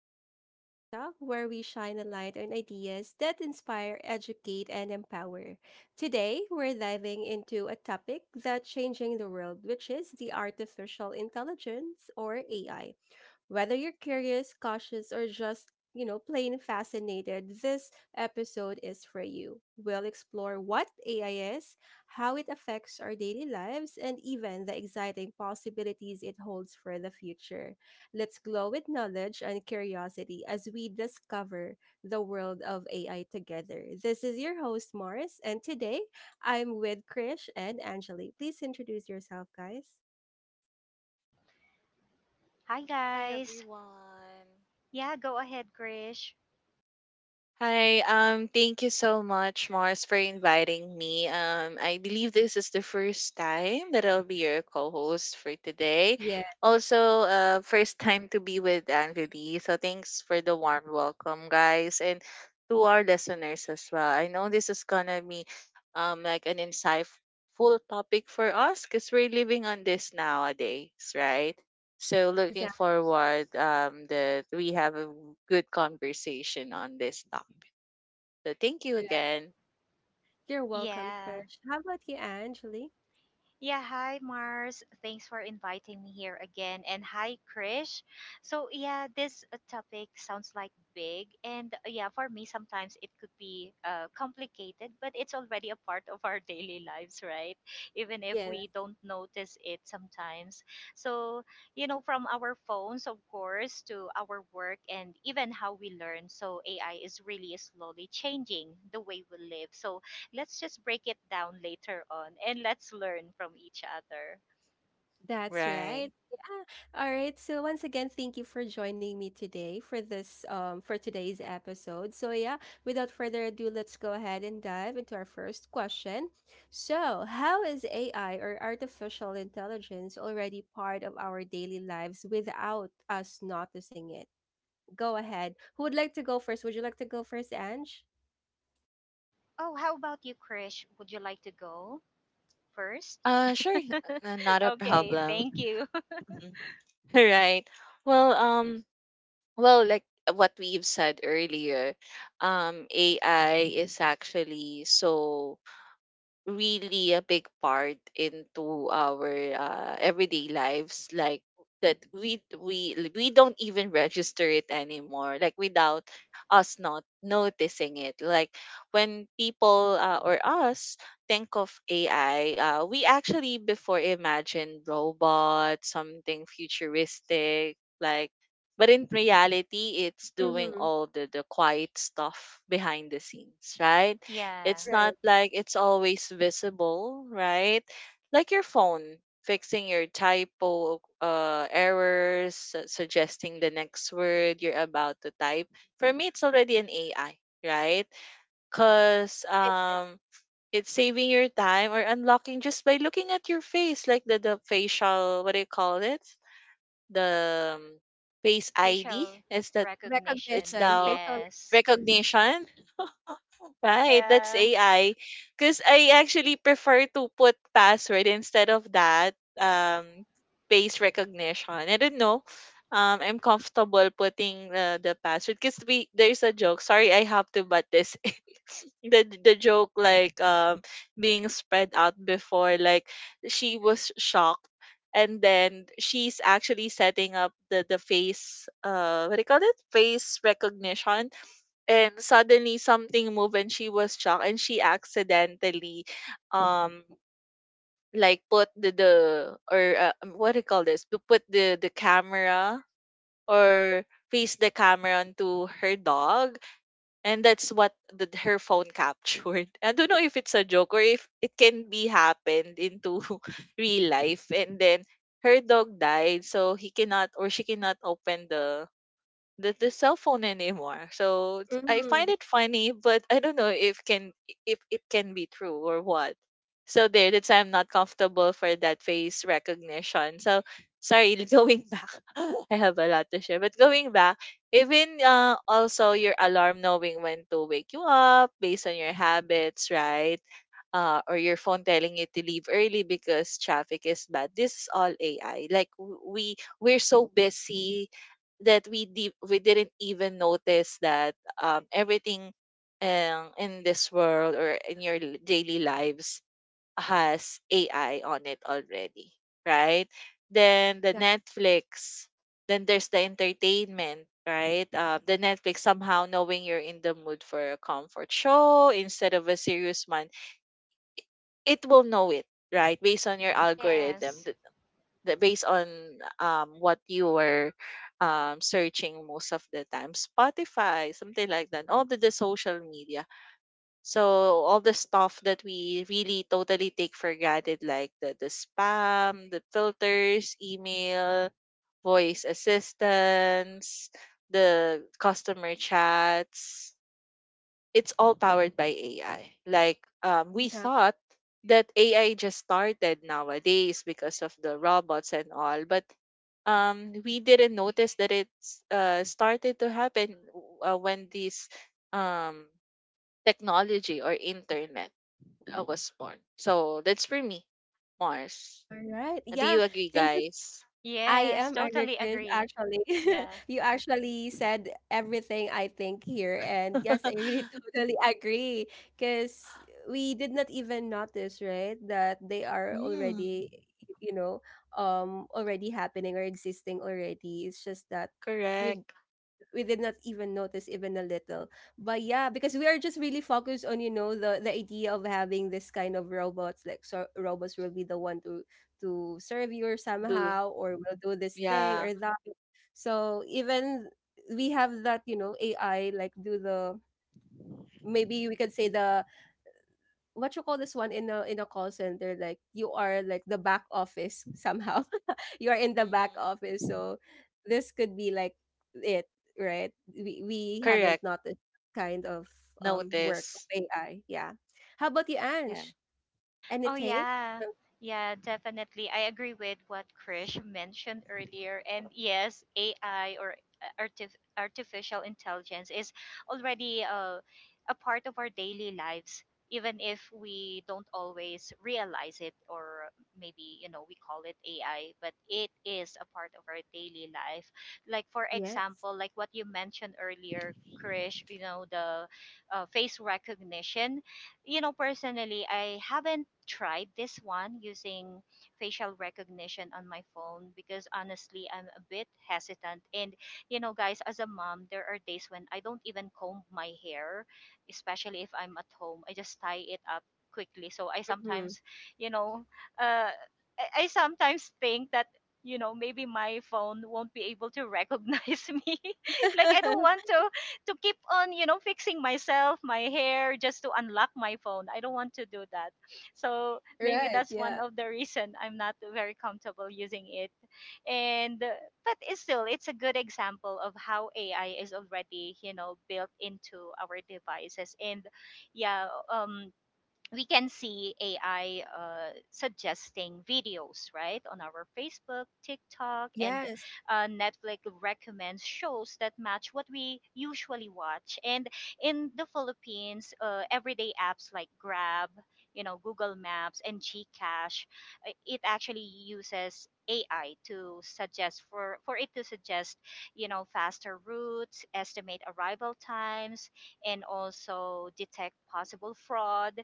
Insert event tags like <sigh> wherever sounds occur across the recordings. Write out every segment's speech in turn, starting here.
welcome to Glow Talk, where we shine a light on ideas that inspire, educate, and empower. Today, we're diving into a topic that's changing the world, which is the artificial intelligence or AI. Whether you're curious, cautious, or just, plain fascinated, this episode is for you. We'll explore what AI is, how it affects our daily lives, and even the exciting possibilities it holds for the future. Let's glow with knowledge and curiosity as we discover the world of AI together. This is your host, Morris, and today I'm with Krish and Angeli. Please introduce yourself, guys. Hi Hi guys. everyone. Yeah, Go ahead, Krish. Hi, thank you so much, Mars, for inviting me. I believe this is the first time that I'll be your co-host for today. Yeah, Also, first time to be with Anvili. So thanks for the warm welcome, guys, and to our listeners as well. I know this is gonna be like an insightful topic for us because we're living on this nowadays, right? So looking exactly. forward that we have a good conversation on this topic. So thank you again. You're welcome, Yeah. Krish. How about you, Angeli? Yeah, hi Mars. Thanks for inviting me here again. And hi Krish. This topic sounds like big. For me, sometimes it could be complicated, but it's already a part of our daily lives, right? Even if Yeah, we don't notice it sometimes. So, you know, from our phones, of course, to our work and even how we learn. So, AI is really slowly changing the way we live. So, let's just break it down later on and let's learn from each other. that's right. Right. Yeah. All right. So once again, thank you for joining me today for this for today's episode. So yeah, without further ado, let's go ahead and dive into our first question. So, how is AI or artificial intelligence already part of our daily lives without us noticing it? Go ahead. Who would like to go first? Would you like to go first, Ange? Oh, how about you, Krish? Would you like to go first? Sure, <laughs> not a Okay, problem. thank you. <laughs> <laughs> Mhm. All right. Well, well, like what we've said earlier, AI is actually so really a big part into our everyday lives, like, that we don't even register it anymore, like, without us not noticing it. Like when people or us think of ai, we actually before imagine robots, something futuristic, like, but in reality it's doing Mm-hmm. all the quiet stuff behind the scenes, right? Yeah, It's not Right. like it's always visible, right? Like your phone fixing your typo errors, suggesting the next word you're about to type. For me, it's already an AI, right? Because It is. It's saving your time or unlocking just by looking at your face, like the facial, what do you call it? The face ID. facial It's that, it's recognition. Recognition, the facial Yes. recognition. recognition. Right, that's Yeah. AI. Because I actually prefer to put password instead of that face recognition. I don't know. I'm comfortable putting the password because we there's a joke. Sorry, I have to butt this <laughs> in. The joke, like, being spread out before, like, she was shocked, and then she's actually setting up the face, what do you call it, face recognition, and suddenly something moved and she was shocked and she accidentally um like put the, or what do you call this, to put the camera, or face the camera onto her dog, and that's what her phone captured. <laughs> I don't know if it's a joke or if it can be happened into <laughs> real life. And then her dog died, so he cannot, or she cannot, open the cell phone anymore. So I find Mm-hmm. it funny, but I don't know if can if it can be true or what. So there, that's why I'm not comfortable for that face recognition. So sorry, <laughs> going back, <laughs> I have a lot to share. But going back, even also your alarm knowing when to wake you up based on your habits, right? Or your phone telling you to leave early because traffic is bad. This is all AI. Like we're so busy that we didn't even notice that everything, in this world or in your daily lives, has AI on it already, right? Then the Exactly. Netflix, then there's the entertainment, right? The Netflix somehow knowing you're in the mood for a comfort show instead of a serious one, it will know it, right, based on your algorithm, Yes. Based on what you were searching most of the time, spotify, something like that, all the social media, so all the stuff that we really totally take for granted, like the spam, the filters, email, voice assistants, the customer chats, it's all powered by AI. Like we Exactly. thought that AI just started nowadays because of the robots and all, but we didn't notice that it's started to happen when this um, technology or internet was born. So that's for me, Mars. All right. Do Yeah. you agree, Thank you. Guys? I Yes, am agree, totally Krish, agree. actually. <laughs> Yeah. You actually said everything I think here. And <laughs> yes, I really <laughs> totally agree. Because we did not even notice, right, that they are Mm, already, you know, already happening or existing already. It's just that we correct. we did not even notice even a little, but yeah, because we are just really focused on the idea of having this kind of robots, like, so robots will be the one to serve you or Do somehow or will do this thing Yeah. or that. So even we have that, you know, AI, like, do the, maybe we could say the what you call this one, in a call center, like you are like the back office <laughs> somehow. You are in the back Hmm. office, so this could be like it, right? We haven't Correct. noticed that kind of work of Notice. AI. Yeah. How about you, Yeah. Ange? Oh Anything? yeah. Yeah, definitely. I agree with what Krish mentioned earlier. And yes, AI or artificial intelligence is already a part of our daily lives, even if we don't always realize it, or maybe, you know, we call it AI, but it is a part of our daily life. Like for Yes. example, like what you mentioned earlier, Krish, you know, the face recognition. You know, personally, I haven't tried this one using facial recognition on my phone because honestly, I'm a bit hesitant. And, you know, guys, as a mom, there are days when I don't even comb my hair, especially if I'm at home. I just tie it up quickly. So Mm-hmm. You know, uh, I sometimes think that, you know, maybe my phone won't be able to recognize <laughs> me. Like I don't <laughs> want to keep on, you know, fixing myself, my hair, just to unlock my phone. I don't want to do that. So maybe Right. that's one Yeah. of the reason I'm not very comfortable using it. And But it's still, it's a good example of how AI is already, you know, built into our devices. And yeah, we can see AI suggesting videos, right, on our Facebook, TikTok, and Yes. Netflix recommends shows that match what we usually watch. And in the Philippines, everyday apps like Grab, you know, Google Maps, and Gcash, it actually uses AI to suggest , for it to suggest, you know, faster routes, estimate arrival times, and also detect possible fraud,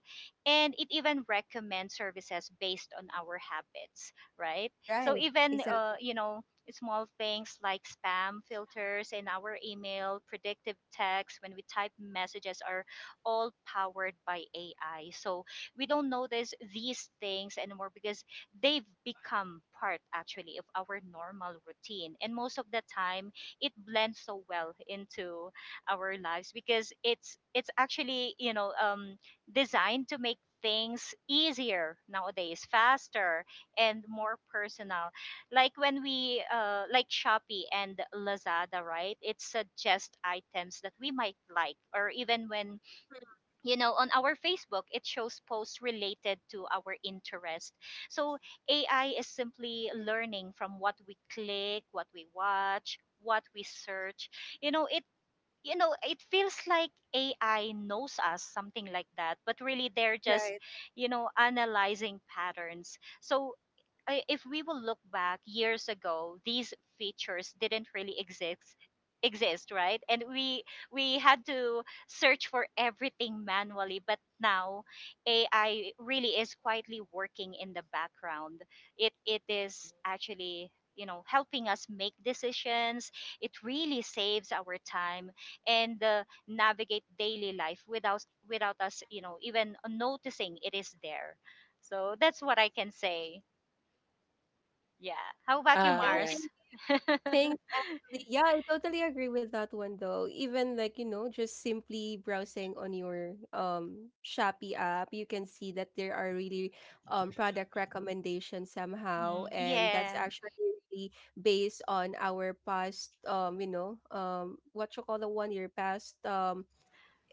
and it even recommends services based on our habits, right? So Right. even Exactly. you know, small things like spam filters in our email, predictive text when we type messages, are all powered by AI. So we don't notice these things anymore because they've become part actually of our normal routine, and most of the time it blends so well into our lives because it's actually, you know, designed to make things easier nowadays, faster and more personal. Like when we like Shopee and Lazada, right? It suggests items that we might like, or even when, you know, on our Facebook, it shows posts related to our interest. So AI is simply learning from what we click, what we watch, what we search. You know, it, you know, it feels like AI knows us, something like that, but really they're just, Right. you know, analyzing patterns. So if we will look back years ago, these features didn't really exist, right? And we had to search for everything manually, but now AI really is quietly working in the background. It is actually, you know, helping us make decisions. It really saves our time and navigate daily life without us, you know, even noticing it is there. So that's what I can say. Yeah, how about you, All Yeah. right. Mars? Thanks, actually. Yeah, I totally agree with that one though. Even, like, just simply browsing on your Shopee app, you can see that there are really product recommendations somehow. Mm-hmm. And that's Yeah. actually really based on our past what you call the one, your past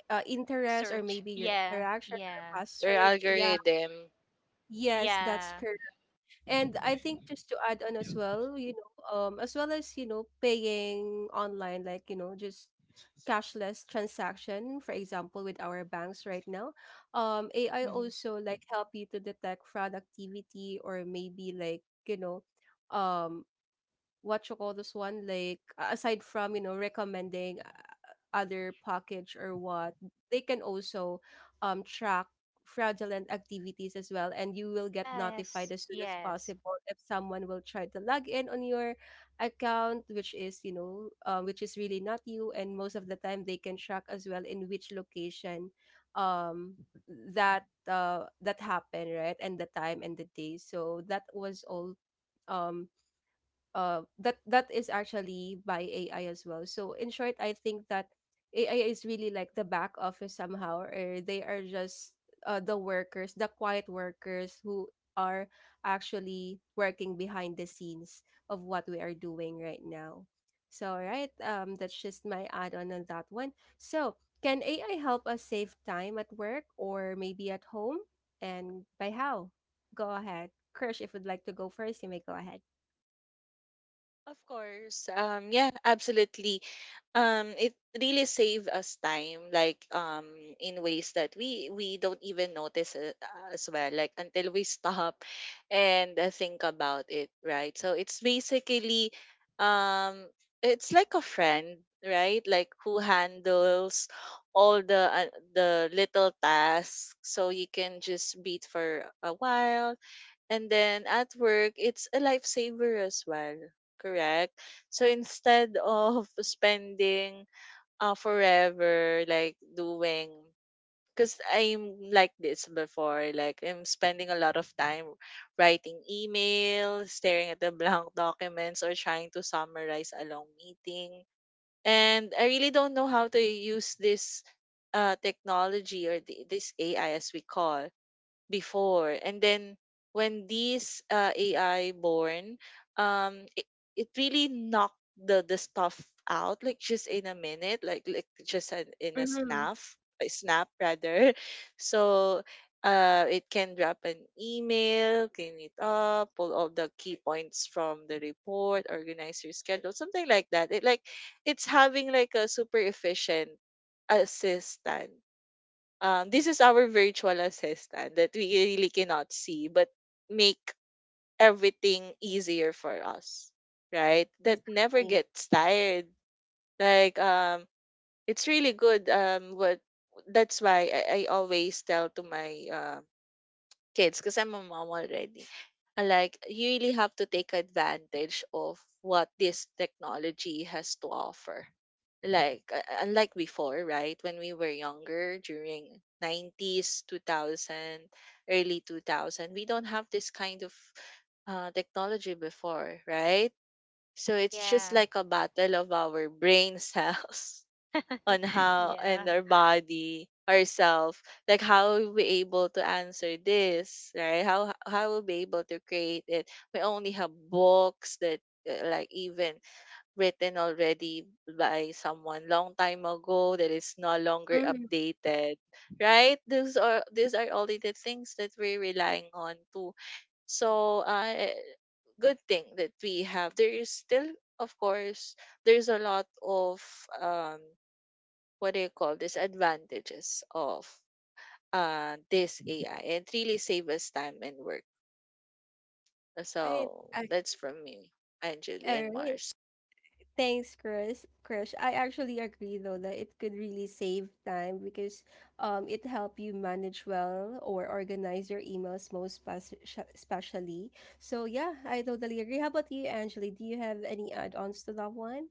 interest or Search, maybe your yeah, interaction yeah. or past Your search. Yeah. algorithm. Yes, that's Yeah. correct. And I think just to add on as well, as well as, you know, paying online, like, you know, just cashless transaction, for example, with our banks right now, AI Mhm. also like help you to detect fraud activity or maybe likeum, what you call this one, like aside from, you know, recommending other package or what, they can also track fraudulent activities as well. And you will get notified Yes. as soon as Yes. possible if someone will try to log in on your account, which is really not you. And most of the time, they can track as well in which location um, that that happened, right? And the time and the day. So that was all um that is actually by AI as well. So in short, I think that AI is really like the back office somehow, or they are just the workers, the quiet workers who are actually working behind the scenes of what we are doing right now. So right, that's just my add on that one. So can AI help us save time at work or maybe at home, and by how? Go ahead, Krish. If you'd like to go first, you may go ahead. Of course. Yeah, absolutely. It really save us time, like, in ways that we don't even notice it as well, like until we <laughs> stop and think about it, right? So it's basically, um, it's like a friend, right? Like who handles all the little tasks, so you can just beat for a while. And then at work, it's a lifesaver as well, correct? So instead of <laughs> spending forever, like, doing, because I'm like this before, like I'm spending a lot of time writing emails, staring at the <laughs> blank documents, or trying to summarize a long meeting. And I really don't know how to use this technology or this AI as we call before. And then when these AI born, um, it, it really knocked the stuff out, like, just in a minute, like just in a snap rather. <laughs> So it can drop an email, clean it up, pull all the key points from the report, organize your schedule, something like that. It's having like a super efficient assistant, this is our virtual assistant that we really cannot see, but make everything easier for us, right? That never Exactly. gets tired. Like, it's really good. What That's why I always tell to my kids because I'm a mom already. And like you really have to take advantage of what this technology has to offer. Like, unlike before, right? When we were younger during 90s, 2000, early 2000, we don't have this kind of technology before, right? So it's just Yeah. like a battle of our brain <laughs> cells, on <laughs> how and yeah. our body ourself, like how we able to answer this, right, how we'll be able to create it. We only have books that, like, even written already by someone long time ago that is no longer Mhm. updated, right? those are These are only the things that we're relying on too. So, good thing that we have, there is still, of course, there's a lot of, um what do you call this, advantages of this AI, and it really save us time and work. Right. So that's from me, Angeli All and right. Mars. Thanks, Chris. Krish. I actually agree though that it could really save time because it help you manage well or organize your emails most especially. So yeah, I totally agree. How about you, Angeli? Do you have any add-ons to that one?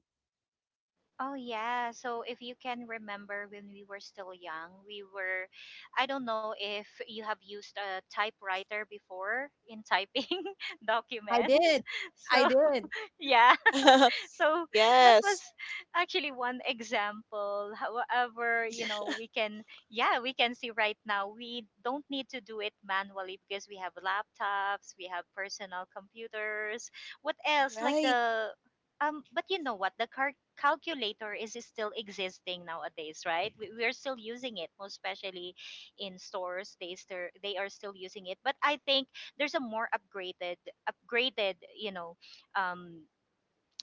Oh yeah, so if you can remember when we were still young, we were, I don't know if you have used a typewriter before in typing <laughs> I documents. did. <laughs> I so did. yeah. <laughs> <laughs> so that was Yes. actually one example. However, you know, we can, yeah, we can see right now we don't need to do it manually because we have laptops, we have personal computers. What else like Right. the But you know what, the calculator is still existing nowadays, right? We are still using it, most especially in stores. They are still using it. But I think there's a more upgraded, you know, um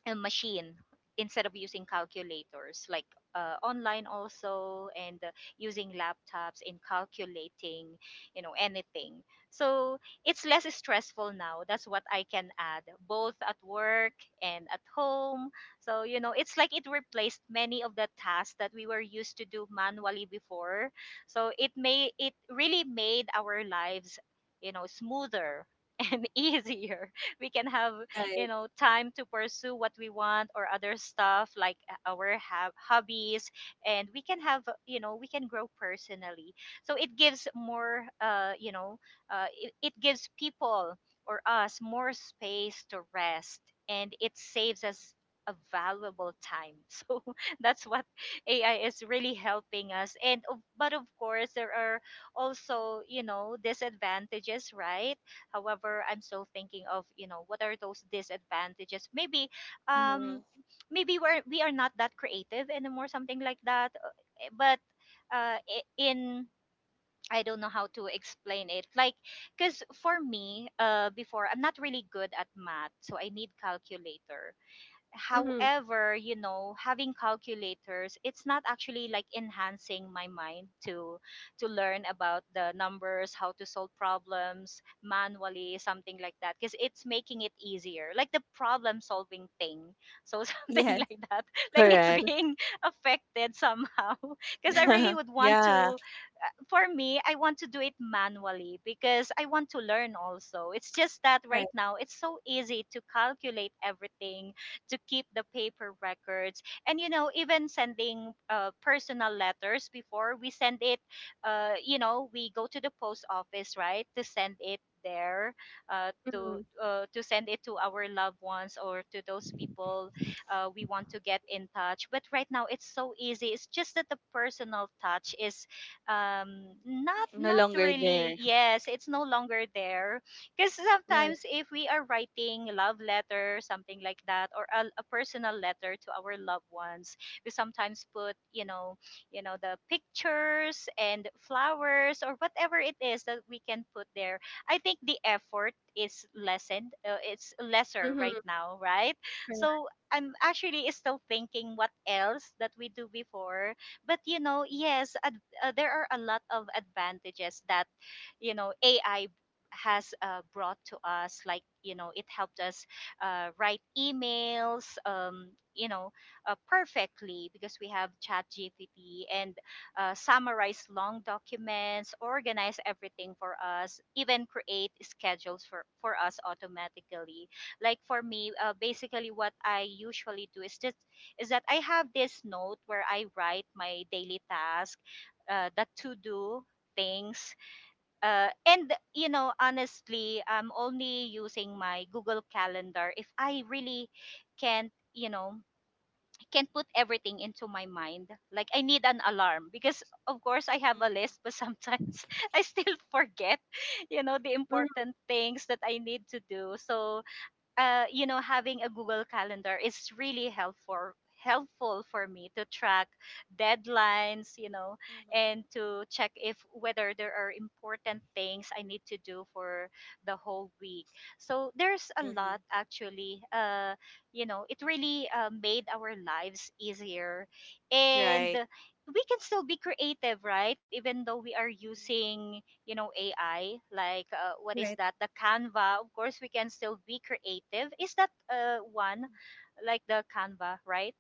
a machine instead of using calculators, like online also, and using laptops in calculating, you know, anything. So it's less stressful now. That's what I can add, both at work and at home. So you know, it's like it replaced many of the tasks that we were used to do manually before. So it really made our lives, you know, smoother <laughs> and easier. We can have, you Right. know, time to pursue what we want, or other stuff like our have hobbies, and we can have, you know, we can grow personally. So it gives more, you know, it gives people or us more space to rest, and it saves us a valuable time. <laughs> so that's what AI is really helping us. And but of course, there are also, you know, disadvantages, right? However, I'm still thinking of, you know, what are those disadvantages. Maybe, um, Mhm. maybe we are not that creative anymore, something like that. Eh, But I- in I don't know how to explain it. Like, because for me, before, I'm not really good at math, so I need calculator. Mm-hmm. However, you know, having calculators, it's not actually like enhancing my mind to learn about the numbers, how to solve problems manually, something like that, because it's making it easier, like the problem solving thing. So <laughs> something Yes. like that. Like it's Correct. being <laughs> affected somehow, because I really <laughs> would want Yeah. to, for me, I want to do it manually because I want to learn also. It's just that Right. right now it's so easy to calculate everything, to keep the paper records, and you know, even sending personal letters, before we send it, you know, we go to the post office, right, to send it there, Mm-hmm. To send it to our loved ones, or to those people we want to get in touch. But right now it's so easy. It's just that the personal touch is, not, No not longer there. really yes, it's no longer there. Because Right. sometimes if we are writing love letter, something like that, or a personal letter to our loved ones, we sometimes put, you know, you know, the pictures and flowers or whatever it is that we can put there. I think the effort is lessened, it's lesser right Mm-hmm. now, right? Correct. So I'm actually still thinking what else that we do before. But you know yes a There are a lot of advantages that, you know, AI has brought to us. Like you know, it helped us write emails, you know, perfectly, because we have ChatGPT, and summarize long documents, organize everything for us, even create schedules for us automatically. Like for me, basically what I usually do is just is that I have this note where I write my daily task, the to do things. And you know, honestly, I'm only using my Google Calendar if I really can't you know can't put everything into my mind. Like I need an alarm because of course I have a Mhm. list, but sometimes <laughs> I still forget, you know, the Mm-hmm. important things that I need to do. So you know, having a Google Calendar is really helpful for me to track deadlines, you know, Mhm. and to check if whether there are important things I need to do for the whole week. So there's a lot Mhm. actually, you know, it really made our lives easier. And Right. we can still be creative, right, even though we are Mhm. using, you know, AI, like what is Right. that, the Canva. Of course we can still be creative. Is that one, like the Canva, right?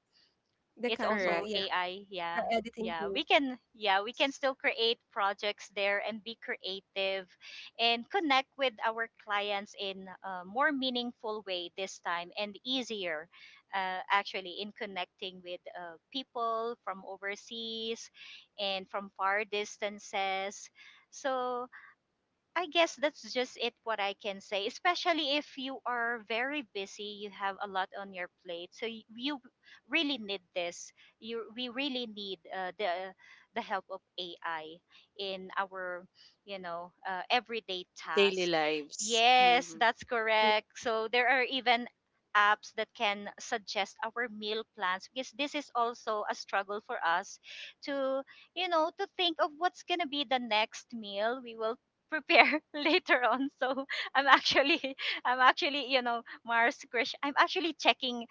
The It's Canva. Correct. also Yeah. AI. The Yeah, editing yeah tool. we can, yeah we can still create projects there and be creative, and connect with our clients in a more meaningful way this time, and easier actually in connecting with people from overseas and from far distances. So I guess that's just it, what I can say. Especially if you are very busy, you have a lot on your plate. So you really need this. You We really need the help of AI in our, you know, everyday Daily task. lives. Yes, Mhm. that's correct. So there are even apps that can suggest our meal plans because this is also a struggle for us to to think of what's going to be the next meal we will prepare <laughs> later on. So I'm actually <laughs> I'm actually Mars, crush I'm actually checking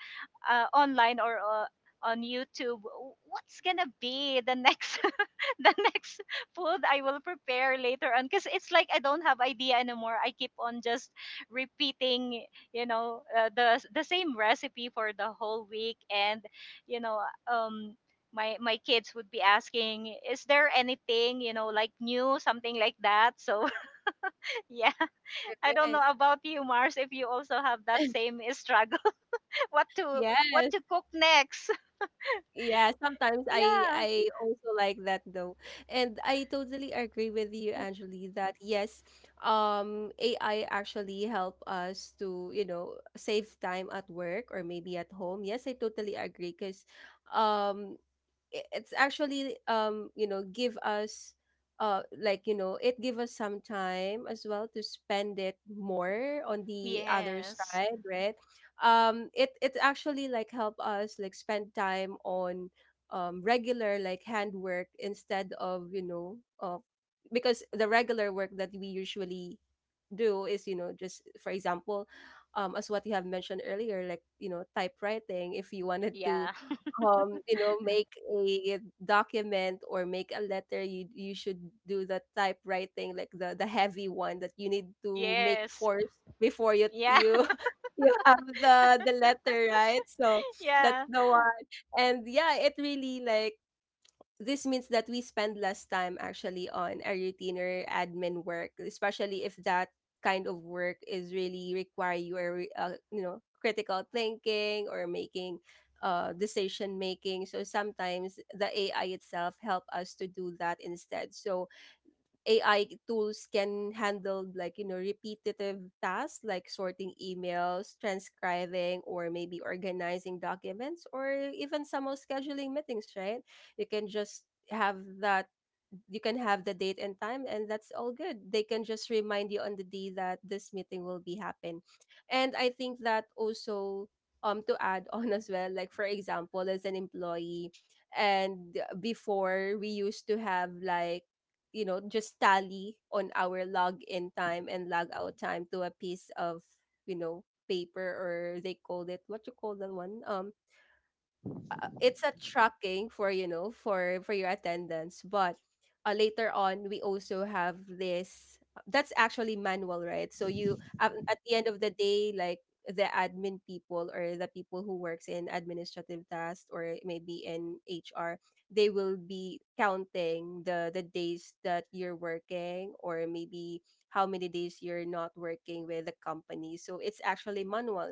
online or on YouTube w- what's gonna be the next <laughs> the next food I will prepare later on, because it's like I don't have idea anymore. I keep on just repeating, the same recipe for the whole week. And you know um my kids would be asking, is there anything, like new, something like that. So yeah, <laughs> I don't know Right. about you, Mars, if you also have that <laughs> same <laughs> struggle. <laughs> What to what Yes. to cook next? <laughs> Yeah, sometimes I Yeah. I also like that though. And I totally agree with you, Angeli, that yes, AI actually help us to, save time at work or maybe at home. Yes, I totally agree because um it's actually give us like it give us some time as well to spend it more on the other Yes. side, right? It actually like help us like spend time on regular like handwork instead of because the regular work that we usually do is, you know, just for example as what you have mentioned earlier, like, you know, typewriting if you wanted to Yeah. Make a document or make a letter, you should do the typewriting, like the heavy one that you need <laughs> to make Yes. force before you Yeah. you <laughs> you have the letter, right? So <laughs> that's Yeah. the one. And yeah, it really like, this means that we spend less time actually on a routine or admin work, especially if that kind of work is really require your critical thinking or making decision making. So sometimes the AI itself help us to do that instead. So AI tools can handle, like, you know, repetitive tasks like sorting emails, transcribing, or maybe organizing documents, or even somehow scheduling meetings, right? You can just have that, you can have the date and time, and that's all good, they can just remind you on the day that this meeting will be happen. And I think that also, to add <laughs> on as well, like for example as an employee. And before we used to have, like, you know, just tally on our log in time and log out time to a piece of, you know, paper, or they called it what you call that one, it's a tracking for, you know, for your attendance. But later on we also have this, that's actually manual, right? So you, at the end of the day, like the admin people or the people who works in administrative tasks or maybe in HR, they will be counting the days that you're working or maybe how many days you're not working with the company, so it's actually manual.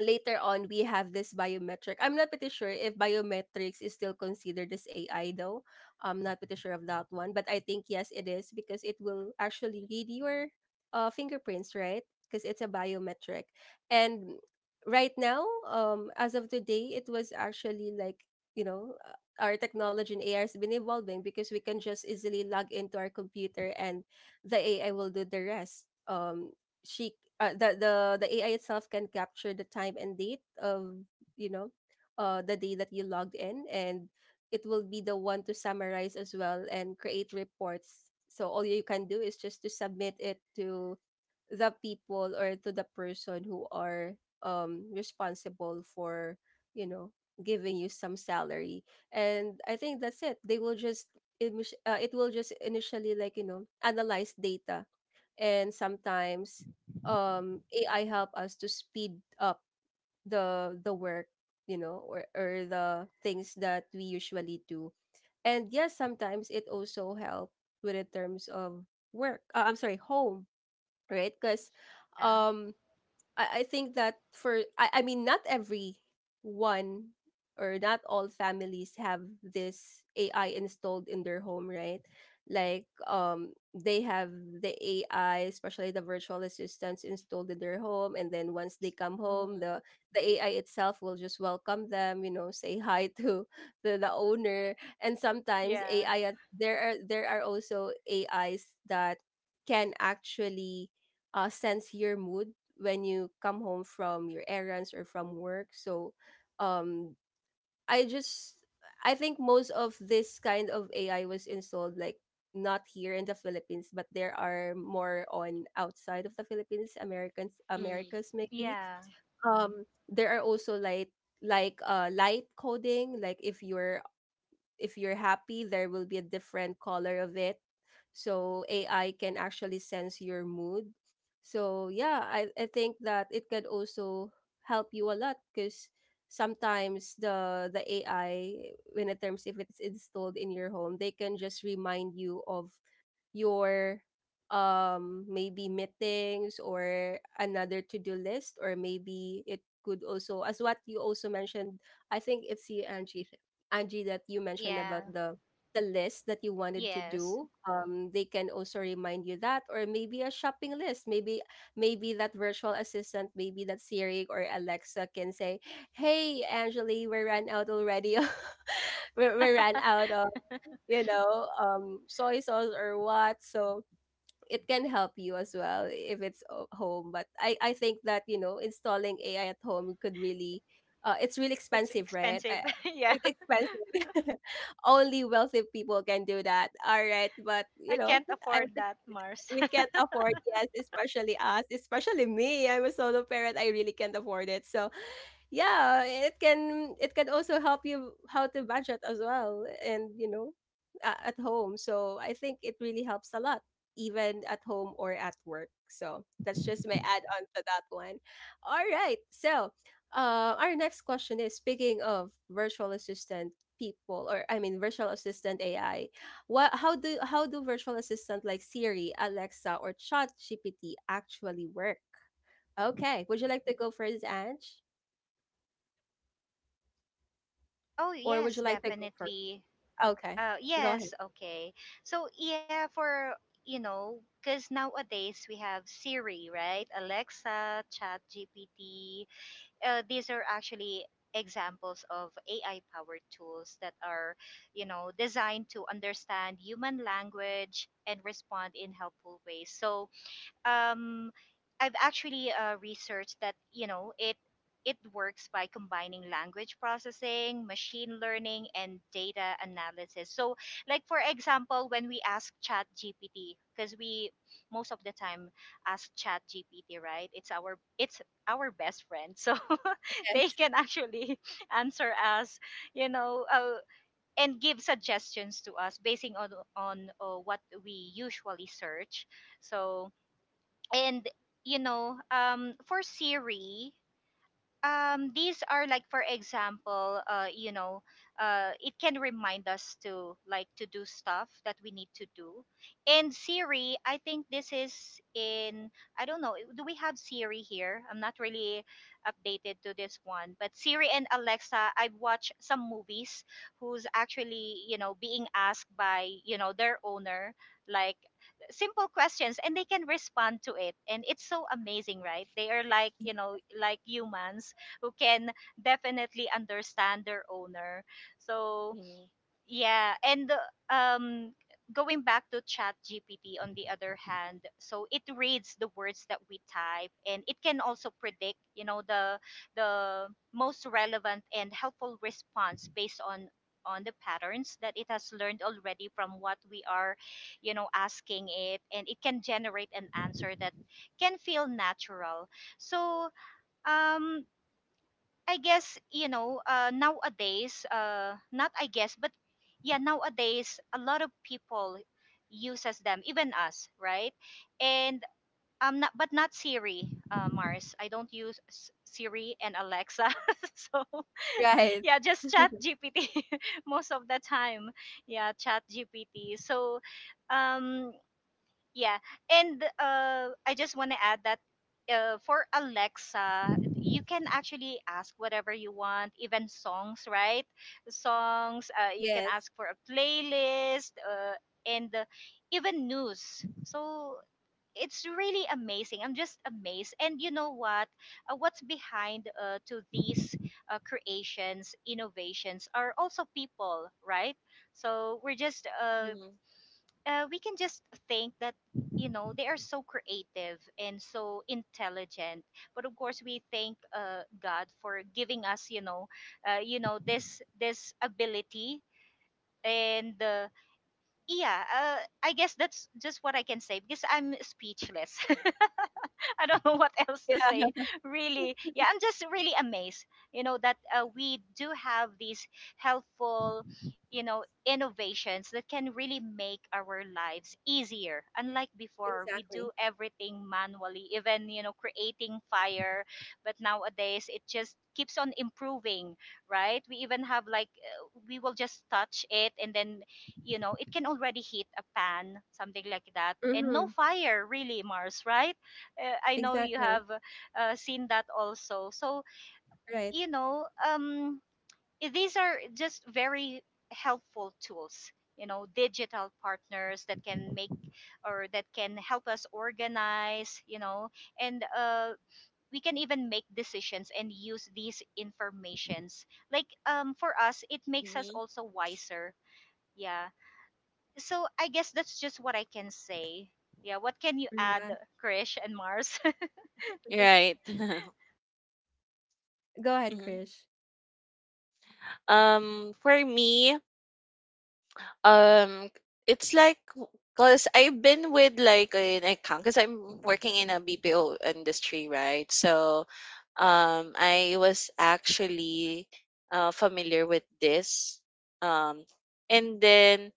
Later on we have this biometric. I'm not pretty sure if biometrics is still considered as AI though. I'm not pretty sure of that one, but I think yes, it is, because it will actually read your fingerprints, right? Because it's a biometric. And right now, as of today, it was actually like, you know our technology in AI has been evolving, because we can just easily log into our computer and the AI will do the rest. She The AI itself can capture the time and date of, you know the day that you logged in. And it will be the one to summarize as well and create reports, so all you can do is just to submit it to the people or to the person who are responsible for, you know, giving you some salary. And I think that's it. They will just, it, it will just initially, like, you know, analyze data. And sometimes, AI help us to speed up the work, you know, or the things that we usually do. And yes, sometimes it also help with, in terms of work, I'm sorry, home, right? Because Yeah. I think that for, I mean, not every one or not all families have this AI installed in their home, right? Like, they have the AI, especially the virtual assistants installed in their home, and then once they come home, Mhm, the AI itself will just welcome them, say hi <laughs> to the owner. And sometimes Yeah. AI, there are also AIs that can actually sense your mood when you come home from your errands or from work. So, um, I just I think most of this kind of AI was installed like not here in the Philippines, but there are more on outside of the Philippines, Americans, mhm. Americas maybe. Yeah. There are also like light coding, like if you're happy, there will be a different color of it. So AI can actually sense your mood. So yeah, I think that it can also help you a lot because sometimes the AI, when it terms if it's installed in your home, they can just remind you of your maybe meetings or another to-do list, or maybe it could also, as what you also mentioned, I think it's you, Angie, Angie, that you mentioned about Yeah. the list that you wanted to Yes. do. They can also remind you that, or maybe a shopping list. Maybe that virtual assistant, maybe that Siri or Alexa, can say, "Hey Angeli, we ran out already." <laughs> We ran out, soy sauce or what. So it can help you as well if it's home. But I think that, you know, installing AI at home could really, it's really It's expensive, right? expensive. <laughs> Yeah. It's expensive. <laughs> Only wealthy people can do that. All right. But, you I know, can't I afford think that, Mars. we can't <laughs> afford, yes, especially us, especially me. I'm a solo parent. I really can't afford it. So yeah, it can, it can also help you how to budget as well, and, you know, at home. So I think it really helps a lot, even at home or at work. So that's just my add on to that one. All right. So our next question is, speaking of virtual assistant people, or I mean virtual assistant AI, what how do virtual assistant like Siri, Alexa, or chat gpt actually work? Okay, would you like to go first, Ange? Oh, Or would you yes, like to go first? definitely. Okay, go ahead. Yes, okay. So yeah, for you know, because nowadays we have Siri, right? Alexa, Chat GPT. These are actually examples of AI-powered tools that are, you know, designed to understand human language and respond in helpful ways. So um, I've actually researched that you know it works by combining language processing, machine learning, and data analysis. So, like for example, when we ask Chat GPT, because we most of the time ask Chat GPT, right? It's our best friend, so <laughs> they Yes, can actually <laughs> answer us, you know, and give suggestions to us basing on what we usually search. So, and for Siri, these are like for example, it can remind us to like to do stuff that we need to do. And Siri, I think this is in, I don't know, do we have Siri here? I'm not really updated to this one, but Siri and Alexa, I've watched some movies who's actually, you know, being asked by, you know, their owner like simple questions, and they can respond to it. And it's so amazing, right? They are like, you know, like humans who can definitely understand their owner. So Mhm, yeah. And um, going back to Chat GPT, on the other hand, so it reads the words that we type, and it can also predict, you know, the most relevant and helpful response based on the patterns that it has learned already from what we are, you know, asking it. And it can generate an answer that can feel natural. So um I guess, nowadays. Not I guess, but yeah, nowadays a lot of people uses them, even us, right? And not, but not Siri, Mars. I don't use S- Siri and Alexa, <laughs> so right. yeah, just Chat <laughs> GPT <laughs> most of the time. Yeah, Chat GPT. So um, yeah. And I just want to add that for Alexa, you can actually ask whatever you want, even songs, right? Songs, you can Yes. ask for a playlist, and even news. So it's really amazing. I'm just amazed. And you know what? What's behind to these creations, innovations are also people, right? So mhm. We can just think that you know they are so creative and so intelligent, but of course we thank god for giving us, you know, this this ability. And yeah, I guess that's just what I can say because I'm speechless. <laughs> <laughs> I don't know what else to Yeah, say. Really, yeah, I'm just really amazed, you know, that we do have these helpful, you know, innovations that can really make our lives easier. Unlike before, we exactly. do everything manually, even, you know, creating fire. But nowadays, it just keeps on improving, right? We even have like, we will just touch it and then, you know, it can already heat a pan, something like that, and no Mm-hmm. fire really, Mars, right? I know you Exactly. have seen that also. So, Right. you know, I- these are just very helpful tools, you know, digital partners that can make or that can help us organize, you know. And we can even make decisions and use these informations. Like for us, it makes us Mhm. also wiser. Yeah. So I guess that's just what I can say. Yeah. What can you add, Yeah. Krish and Mars? <laughs> Right. <laughs> Go ahead, Mhm. Krish. For me, um it's like because I've been with like an account because I'm working in a BPO industry, right? So I was actually familiar with this. Um and then,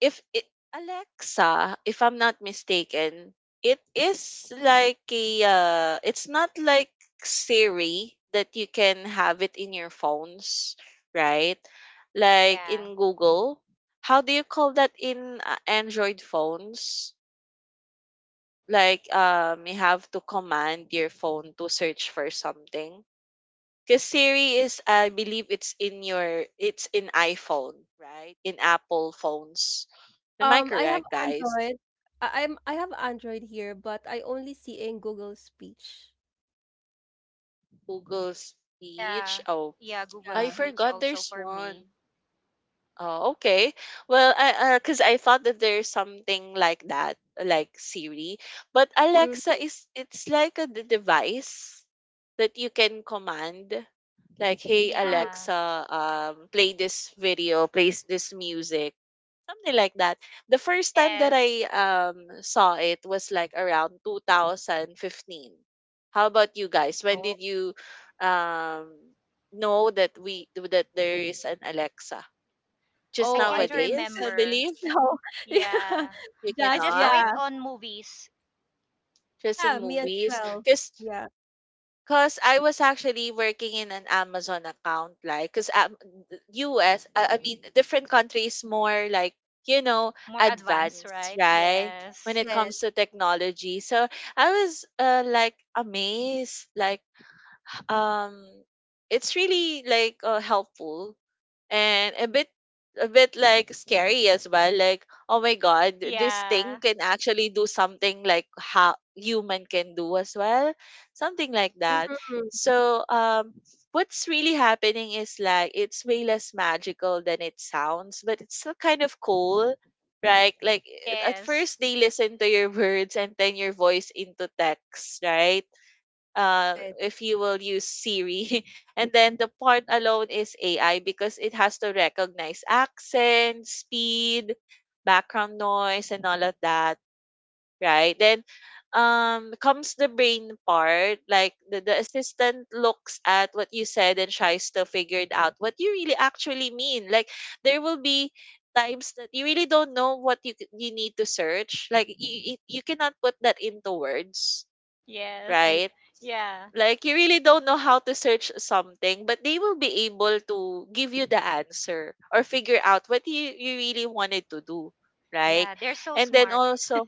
if it Alexa, if I'm not mistaken, it is like a, it's not like Siri that you can have it in your phones, right? <laughs> Like Yeah. in Google. How do you call that in Android phones? Like, you have to command your phone to search for something. Cause Siri is, I believe it's in your, it's in iPhone, right? In Apple phones. Am I I have correct, guys? Android. I have Android here, but I only see in Google Speech. Google Speech. Yeah. Oh, Yeah, Google I Yeah. Speech forgot also there's for me. one. Oh, okay. Well, I cause I thought that there's something like that, like Siri, but Alexa is, it's like a device that you can command, like, hey Mm-hmm. Yeah. Alexa, play this video, play this music, something like that. The first time that Yes. I saw it was like around 2015. How about you guys? When did Oh, you um know that we that there is an Alexa? Just I oh, I can't think nowadays, I remember. believe. so. <laughs> Yeah. You Yeah. I Just just saw cannot. it yeah. on movies. Just in Yeah, me as movies, well. because. Yeah. Cause I was actually working in an Amazon account, like, cause U.S. I mean, different countries more like, you know, More advanced, advanced, right? right? When Yes. it comes Yes. to technology. So I was, like, amazed, like, um, it's really like, helpful, and a bit, like scary as well, like, oh my god, this Yeah. thing can actually do something like how human can do as well, something like that. Mm-hmm. So, what's really happening is, like, it's way less magical than it sounds, but it's still kind of cool, right? Like, at Yes. <laughs> first they listen to your <laughs> words and then your voice into text, right, Right. if you will use Siri. <laughs> And then the part alone is AI because it has to recognize accent, speed, background noise, and all of that, right? Then, comes the brain part. Like the assistant looks at what you said and tries to figure it out what you really actually mean. Like there will be times that you really don't know what you need to search, like you cannot put that into words, Yes. Right. right, Yeah. like you really don't know how to search something, but they will be able to give you the answer or figure out what you really wanted to do, right? Yeah. They're so And then smart. also.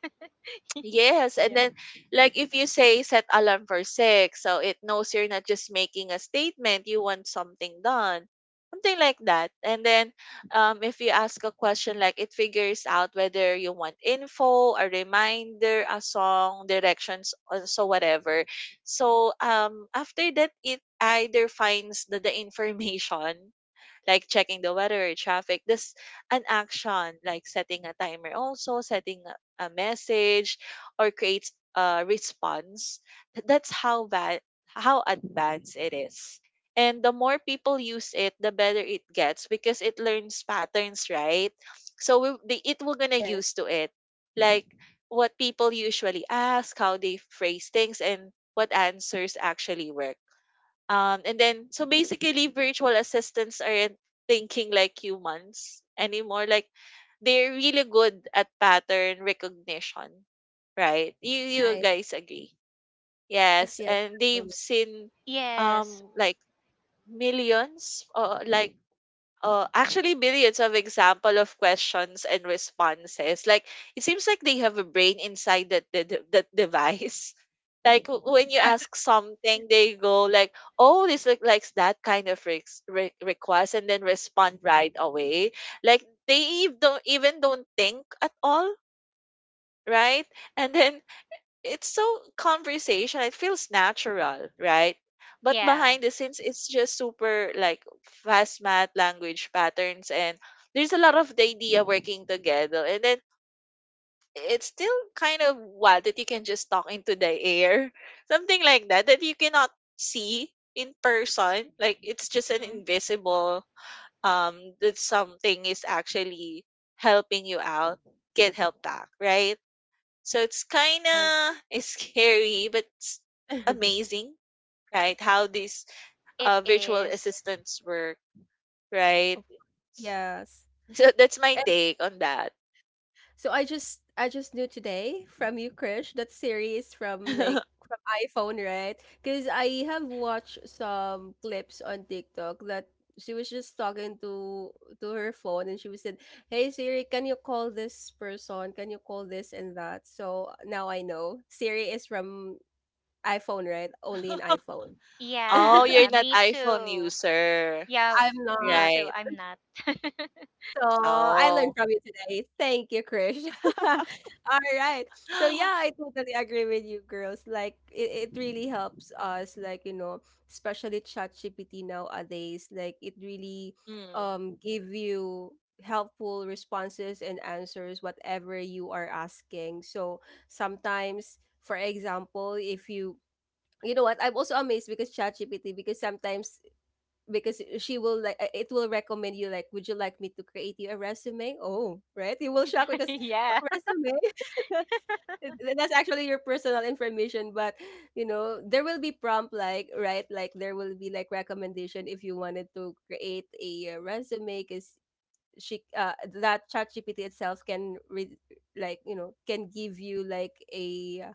Yes, and Yeah. then, like, if you say set alarm for 6, so it knows you're not just making a statement, you want something done. Something like that. And then if you ask a question, like it figures out whether you want info, a reminder, a song, directions, or so whatever. So after that it either finds the information, like checking the weather or traffic. This an action like setting a timer, also setting a message, or creates a response. That's how how advanced it is. And the more people use it, the better it gets because it learns patterns, right? So we, the, it will gonna use Yes. to it, like what people usually ask, how they phrase things, and what answers actually work. And then, so basically, virtual assistants aren't thinking like humans anymore. Like, they're really good at pattern recognition, right? You Right. guys agree? Yes. Yes, Yes. and they've Absolutely. seen Yes. Like millions, like actually billions of example of questions and responses. Like it seems like they have a brain inside that that device, like when you ask something, they go like, "Oh, this look likes that kind of request," and then respond right away. Like they don't think at all, right? And then it's so conversation. It feels natural, right? But Yeah. behind the scenes, it's just super like fast math language patterns, and there's a lot of the idea working together. And then it's still kind of wild that you can just talk into the air, <laughs> something like that that you cannot see in person. Like it's just an Mm-hmm. invisible that something is actually helping you out, get help back, right? So it's kind Yeah. of scary, but it's <laughs> amazing, right? How these It virtual is. assistants work, right? Of course. Yes. So that's my And take on that. so I just knew today from you, Krish, that series from <laughs> like from iPhone, right? Because I have watched some clips on TikTok that she was just talking to her phone, and she was said, "Hey Siri, can you call this person? Can you call this and that?" So now I know Siri is from iPhone, right? Only in iPhone. <laughs> Yeah. Oh, you're Yeah. I'm not Me iPhone too. user. Yeah. Me not. too. Right. I'm not. <laughs> So I learned Oh. from you today. Thank you, Krish. <laughs> All right. So yeah, I <gasps> totally agree with you, girls. Like it really helps us, like, you know, especially ChatGPT nowadays. Like it really Mm. Give you helpful responses and answers whatever you are asking. So sometimes, for example, if you you know what, I'm also amazed because ChatGPT, because sometimes because she will like, it will recommend you like, "Would you like me to create you a resume?" Oh, right, you will shock because a Yeah. resume. <laughs> That's actually your personal information, but you know, there will be prompt like, right, like there will be like recommendation if you wanted to create a resume, because she, that chat gpt itself can like, you know, can give you like a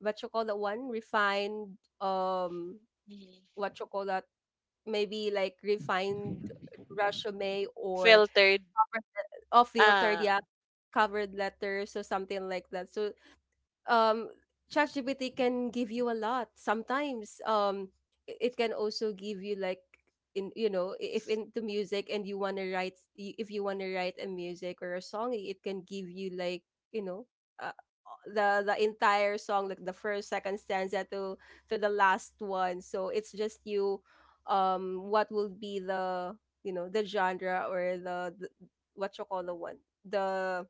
what you call that one, refined, Mhm. what you call that maybe like refined resume, or Filtered. cover, or filtered, Ah, yeah, covered letters or something like that. So um ChatGPT can give you a lot. Sometimes it can also give you like, in you know I- if into music and you want to write if you want to write a music or a song, it can give you like, you know, uh, the entire song, like the first, second stanza to the last one. So it's just you, what will be the, you know, the genre, or the what you call the one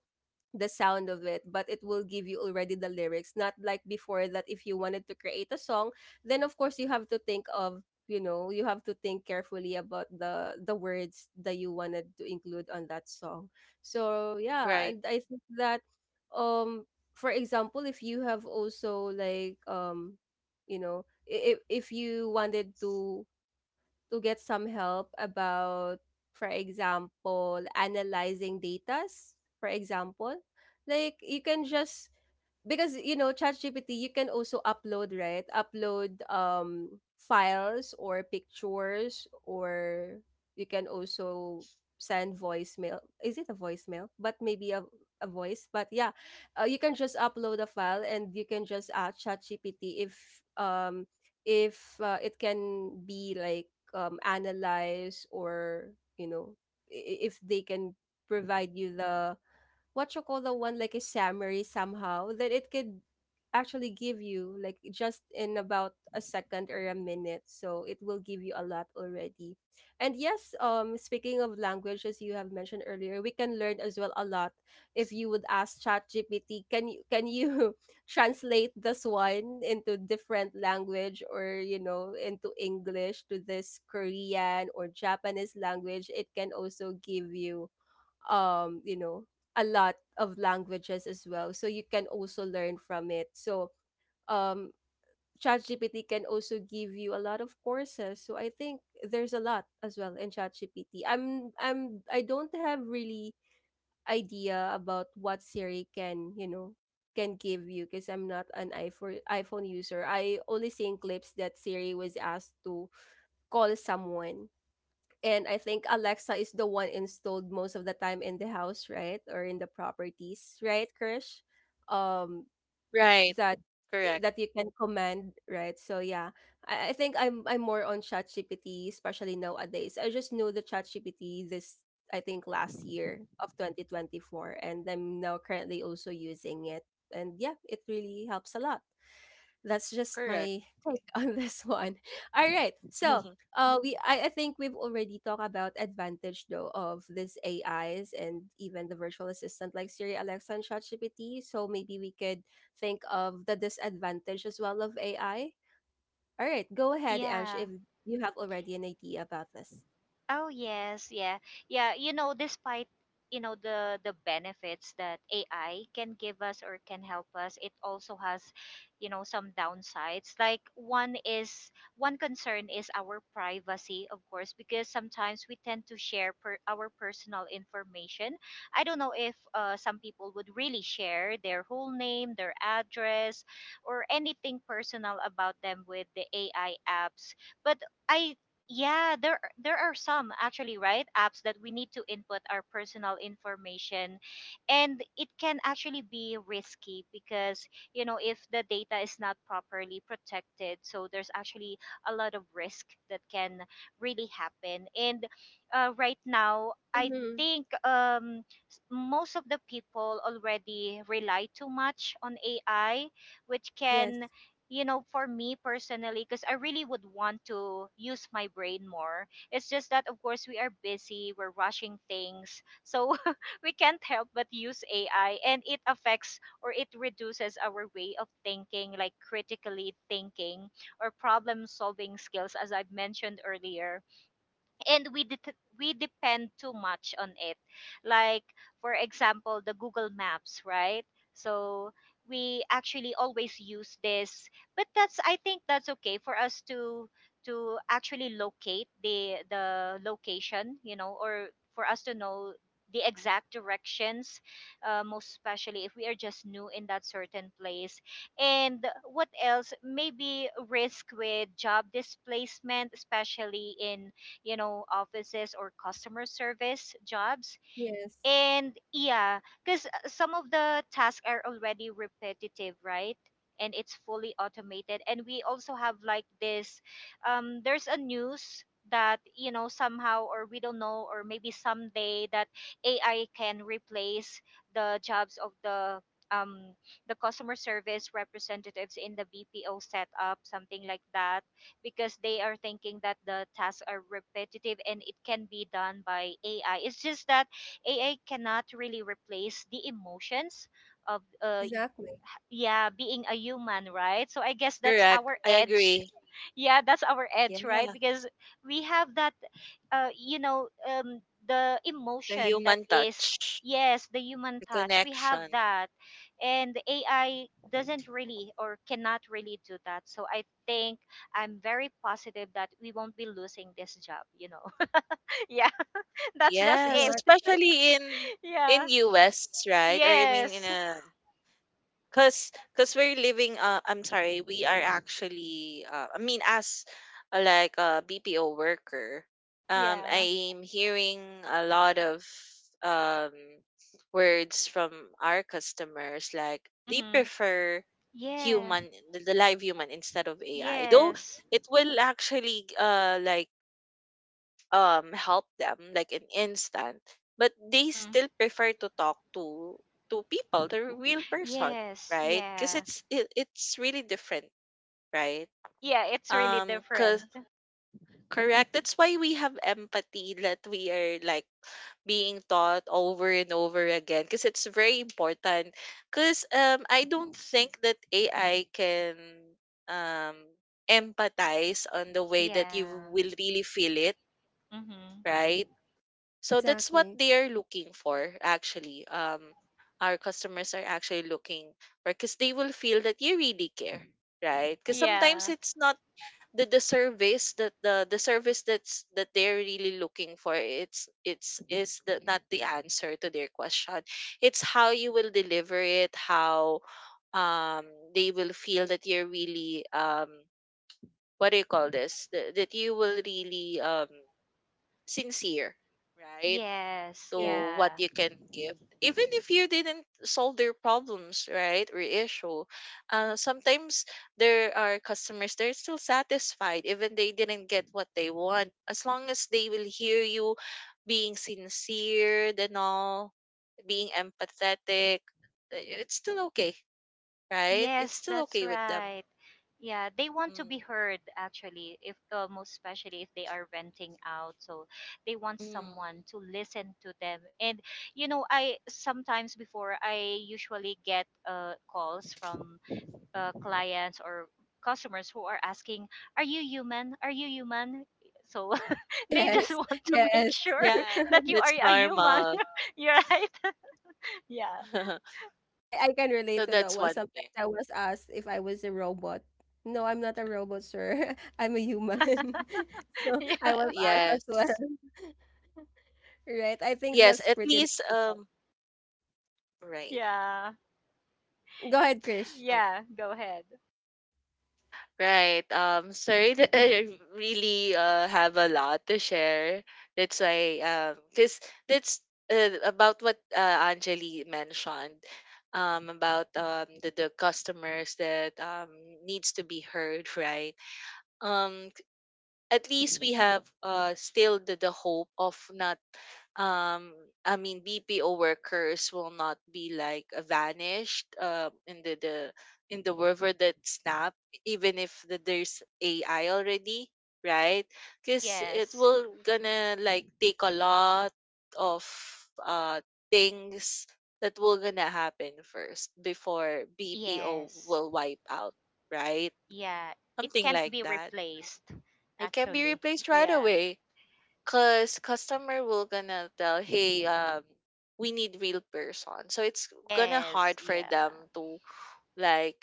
the sound of it, but it will give you already the lyrics, not like before that if you wanted to create a song, then of course you have to think of, you know, you have to think carefully about the words that you wanted to include on that song. So yeah, right. and I think that um for example, if you have also like, if you wanted to get some help about, for example, analyzing datas, for example. Like you can just, because you know ChatGPT, you can also upload, right? Upload files or pictures, or you can also send voicemail. Is it a voicemail? But maybe a voice. But yeah, you can just upload a file and you can just ask ChatGPT if um it can be like, analyze, or you know, if they can provide you the, what you call the one, like a summary, somehow that it could actually give you like just in about a second or a minute. So it will give you a lot already. And yes, speaking of language, as you have mentioned earlier, we can learn as well a lot. If you would ask chat gpt "can you, can you <laughs> translate this one into different language?" Or, you know, into English to this Korean or Japanese language, it can also give you you know a lot of languages as well, so you can also learn from it. So um ChatGPT can also give you a lot of courses. So I think there's a lot as well in ChatGPT. I don't have really idea about what Siri can, you know, can give you, because I'm not an iPhone user. I only seen clips that Siri was asked to call someone. And I think Alexa is the one installed most of the time in the house, right? Or in the properties, right, Krish? Um, Right. that, eh, Correct. that you can command, right? So yeah, I think I'm more on ChatGPT, especially nowadays. I just knew the ChatGPT this, I think, last year of 2024, and I'm now currently also using it. And yeah, it really helps a lot. That's just Correct. my take <laughs> on this one. All right. So, <laughs> I think we've already talked about advantage though of these AIs and even the virtual assistant like Siri, Alexa, and ChatGPT. So maybe we could think of the disadvantage as well of AI. All right, go ahead, Ange, Yeah. if you have already an idea about this. Oh yes, yeah. Yeah, you know, despite the benefits that AI can give us or can help us, it also has, you know, some downsides. Like one is, one concern is our privacy, of course, because sometimes we tend to share per, our personal information. I don't know if some people would really share their whole name, their address, or anything personal about them with the AI apps. But I yeah, there are some actually, right? Apps that we need to input our personal information, and it can actually be risky because, you know, if the data is not properly protected, so there's actually a lot of risk that can really happen. And right now, I Mm-hmm. think s- most of the people already rely too much on AI, which Yes. can, you know, for me personally, because I really would want to use my brain more. It's just that, of course, we are busy, we're rushing things. So <laughs> we can't help but use AI, and it affects or it reduces our way of thinking, like critically thinking or problem solving skills, as I've mentioned earlier. And we det- we depend too much on it, like for example the Google Maps, right? So we actually always use this, but that's, I think that's okay for us to actually locate the location, you know, or for us to know the exact directions, most especially if we are just new in that certain place. And what else, maybe risk with job displacement, especially in, you know, offices or customer service jobs. Yes. And yeah, because some of the tasks are already repetitive, right? And it's fully automated. And we also have like this, there's a news that, you know, somehow, or we don't know, or maybe someday that AI can replace the jobs of um, the customer service representatives in the BPO setup, something like that, because they are thinking that the tasks are repetitive and it can be done by AI. It's just that AI cannot really replace the emotions of Exactly. yeah, being a human, right? So I guess that's Correct. our I edge. agree. <laughs> Yeah, that's our edge, right? Yeah. Because we have that uh you know um the The emotion that human is, touch, yes, the human the touch, we have connection. that. And AI doesn't really or cannot really do that. So I think I'm very positive that we won't be losing this job, you know. <laughs> Yeah, that's just Yes, it. Exact. especially in Yeah. US, right? Or I mean in Yes. a cause, cause we're living. I'm sorry. We are actually. I mean, as like a BPO worker, Yeah. I'm hearing a lot of um words from our customers, like they Mhm. prefer Yeah. human, the live human instead of AI. Though Yes. it will actually like help them like an instant, but they Mhm. still prefer to talk to people, the real person, Yes. right? Because Yeah. It's really different, right? Yeah, it's really Cause, different. correct, that's why we have empathy that we are like being taught over and over again because it's very important. Because I don't think that AI can um empathize on the way that you Yeah. will really feel it, Mhm. right? So that's what Exactly. they're looking for, actually. Our customers are actually looking for, because they will feel that you really care, right? Because sometimes Yeah. it's not the the service that's that they're really looking for, not the answer to their question, it's how you will deliver it, how um they will feel that you're really what do you call this, that you will really sincere, right? Yes. Yes. To what Yeah. you can give, even if you didn't solve their problems, right? Or issue, sometimes there are customers they're still satisfied even they didn't get what they want, as long as they will hear you being sincere and all, being empathetic, it's still okay, right? It's Yes, still that's okay with them. right. Yeah, they want to Mm. be heard actually, if most especially if they are venting out. So they want Mm. someone to listen to them. And you know, I sometimes before I usually get calls from clients or customers who are asking, "Are you human? Are you human?" So <laughs> they just Yes. want <laughs> to make Yes. sure <laughs> Yeah, <laughs> that you are that's a human. normal. <laughs> You're right. <laughs> Yeah. <laughs> So I can relate to that that's one. one Sometimes thing. I was asked if I was a robot. No, I'm not a robot, sir. <laughs> I'm a human. <laughs> <laughs> So I Yeah. was asked as well. yes. <laughs> Right. I think Yes, that's at pretty. least um. Right. Yeah. Go ahead, Krish. Oh, Yeah. Go ahead. right. Sorry that <laughs> I really have a lot to share. That's why, because that's about what Anjali mentioned, about the customers that needs to be heard, right? Um, at least we have still the hope of not um I mean BPO workers will not be like vanished the, in the river that snap, even if there's AI already, right? Because it Yes. will gonna like take a lot of uh things that will gonna happen first before BPO Yes. will wipe out, right? Yeah. It Something can't like be that. replaced. It can be Actually. replaced right Yeah. away because customer will gonna tell, "Hey, we need real person." So it's gonna Yes. hard for them Yeah. to like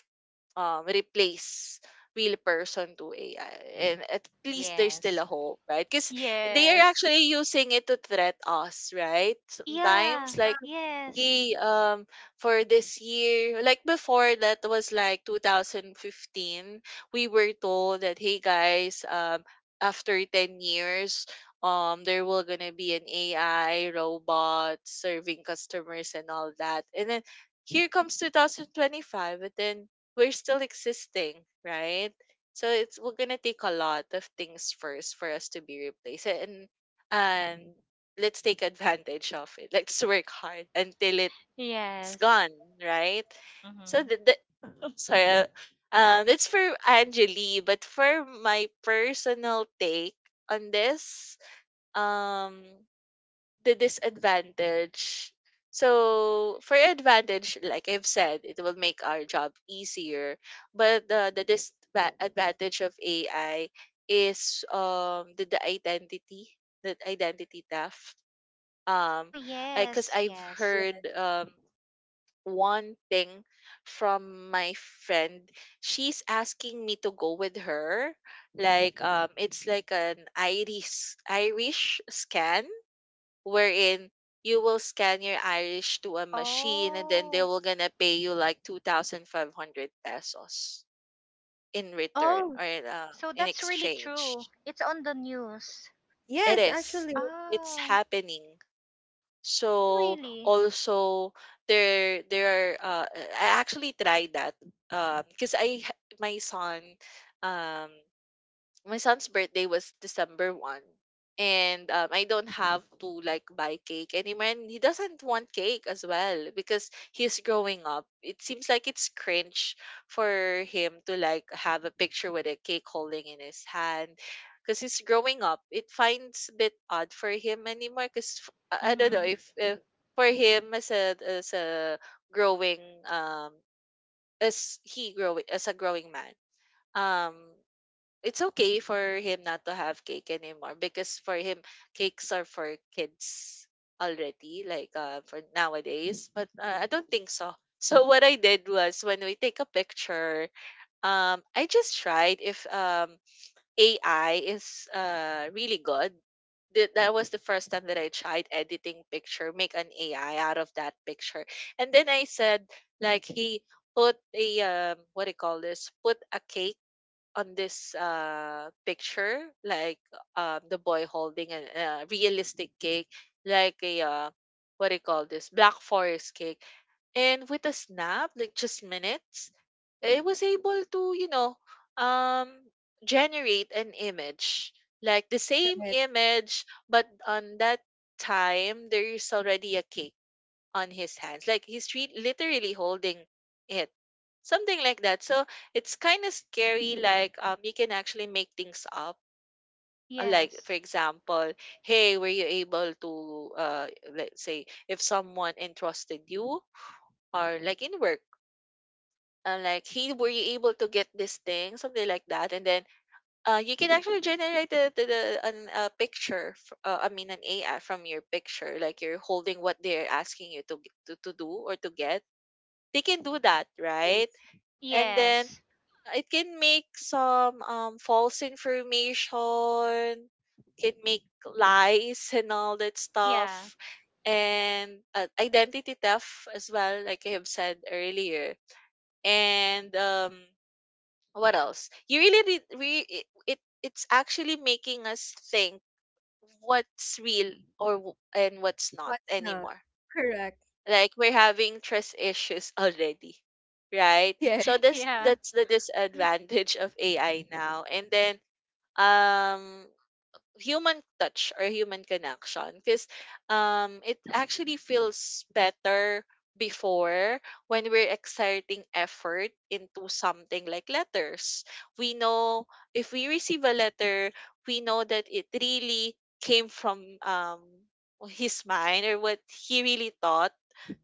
replace real person to AI. And at least there's still Yes. a hope, right? Because they are Yes. actually using it to threat us, right? Sometimes Yeah. Yeah. like, Yes. "Hey, for this year, like before, that was like 2015, we were told that, hey guys, after 10 years, there will gonna be an AI robot serving customers and all that." And then here comes 2025, and then we're still existing, right? So it's we're gonna take a lot of things first for us to be replaced. And mhm. And let's take advantage of it. Let's work hard until it's Yes. gone, right? So Mm-hmm. The sorry, that's for Angeli, but for my personal take on this, um, the disadvantage. So for advantage, like I've said, it will make our job easier, but the disadvantage of AI is the identity theft. Oh um I because yes, I've yes. Yeah. heard one thing from my friend. She's asking me to go with her, like it's like an irish scan, wherein you will scan your irish to a machine and then they Oh, will gonna pay you like 2500 pesos in return Oh, or so in that's really true. exchange. It's on the news. It yes, is, actually, it's Oh, happening. oh, So really? also there are I actually tried that because my son um my son's birthday was December 1st. And I don't have to like buy cake anymore. And he doesn't want cake as well because he's growing up. It seems like it's cringe for him to like have a picture with a cake holding in his hand because he's growing up. It finds a bit odd for him anymore because I don't know Mm-hmm. If for him as a growing um as he growing as a growing man, um it's okay for him not to have cake anymore, because for him, cakes are for kids already, like for nowadays, but I don't think so. <laughs> So what I did was when we take a picture, I just tried if AI is really good. That was the first time that I tried editing picture, make an AI out of that picture. And then I said like he put a what do you call this, put a cake on this picture, like the boy holding a realistic cake, like a what do you call this, black forest cake. And with a snap, like just minutes, it was able to, you know, um generate an image, like the same right. image, but on that time there is already a cake on his hands. Like he's literally holding it. Something like that. So it's kind of scary. Like you can actually make things up. Like Yes. for example, "Hey, were you able to uh, let's say if someone entrusted you or like in work, like hey, were you able to get this thing," something like that, and then you can actually generate a picture I mean an AI from your picture, like you're holding what they're asking you to, to do or to get. They can do that, right? Yes. And then Yes. it can make some false information, can make lies and all that Yeah. stuff, and identity theft as well, like I have said earlier. And what else? You really, it it's actually making us think what's real and what's not What's not? anymore. Correct. Like we're having trust issues <laughs> already, right? Yes. So <laughs> this, Yeah. that's the disadvantage of AI. Now and then um human touch or human connection, because it actually feels better before, when we're exerting effort into something, like letters, we know, if we receive a letter, we know that it really came from um his mind, or what he really thought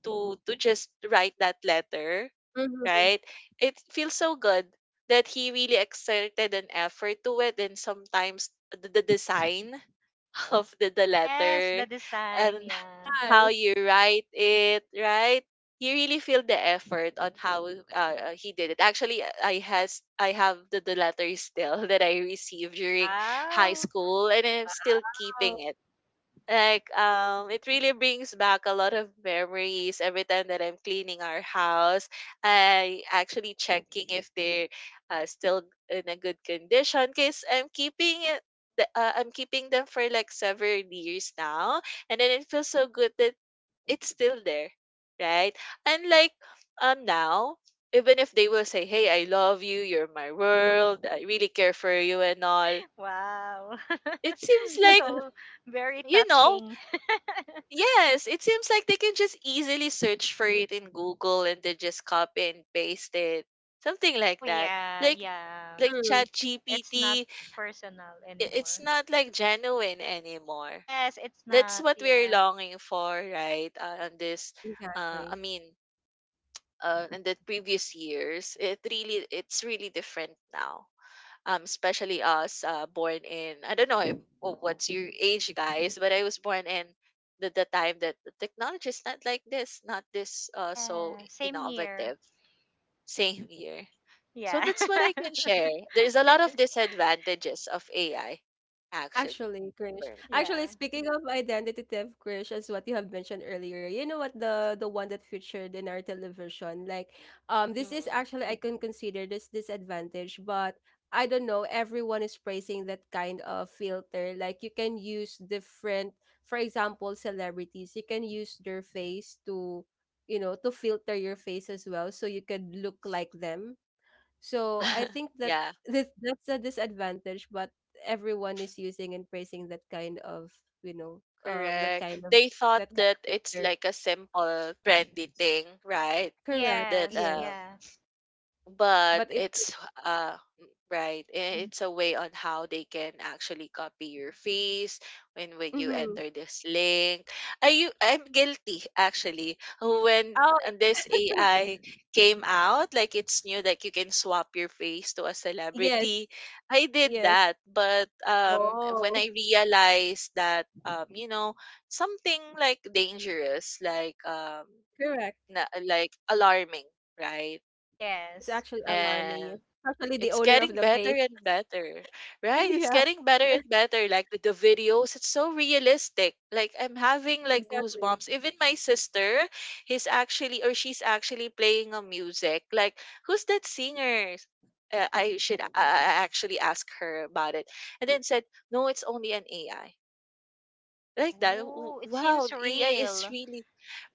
to just write that letter, Mm-hmm. right? It feels so good that he really exerted an effort to it. And sometimes the design <laughs> of the Yes, the letter design. and Yeah. how Yes. you write it, right? You really feel the effort on how he did it. Actually, I have the letter still <laughs> that I received during high Wow. school, and I'm still keeping Wow. it. Like it really brings back a lot of memories. Every time that I'm cleaning our house, I actually checking if they're still in a good condition, because I'm keeping I'm keeping them for like several years now. And then it feels so good that it's still there, right? And like now, even if they will say, "Hey, I love you, you're my world, I really care for you," and all, Wow. it seems <laughs> like, <laughs> So very you know. touching. Yes, it seems like they can just easily search for it in Google and then just copy and paste it. Something like Oh, that. yeah. Like Yeah. like Mm, It's not ChatGPT, personal it's anymore. not like genuine anymore. Yes, it's That's not. what we're Yeah. longing for, right? On this I exactly. mean, in the previous years, it really it's really different now. Especially us born in I don't know if, oh, what's your age, guys? But I was born in the time that the technology is not like this, not this so Yeah. Same here. innovative. Same year, so Yeah. that's what I can <laughs> share. There's a lot of disadvantages of AI, actually, Actually, for Krish. me. Actually, Yeah. speaking of identity theft, Krish, as what you have mentioned earlier, you know what, the one that featured in our television, like, this is Mhm. actually I can consider this disadvantage, but I don't know. Everyone is praising that kind of filter. Like, you can use different, for example, celebrities. You can use their face to, you know, to filter your face as well, so you could look like them. So I <laughs> think that Yeah. this that's a disadvantage, but everyone is using and praising that kind of, you know Correct. They thought that kind that of it's filter. like a simple, trendy thing, right? Correct. That Yes, Yeah, yeah. but but it. Could. it's uh right, Mm, it's a way on how they can actually copy your face when you mm-hmm. enter this link. Are you, I'm guilty actually, when Oh this AI came out, like it's new, like you can swap your face to a yes, celebrity, I did yes. that. But when Oh, I realized that, you know, something like dangerous, like correct. Like alarming, right? It's Yes. actually alarming, yeah. And Especially the it's owner of getting the better face. and better, <laughs> right? It's Yeah, getting better and better. Like the videos, it's so realistic. Like I'm having like exactly. goosebumps. Even my sister, he's actually or she's actually playing a music. Like who's that singer? I actually ask her about it, and then said, "No, it's only an AI." Like that. Oh, it Wow, seems AI is real. really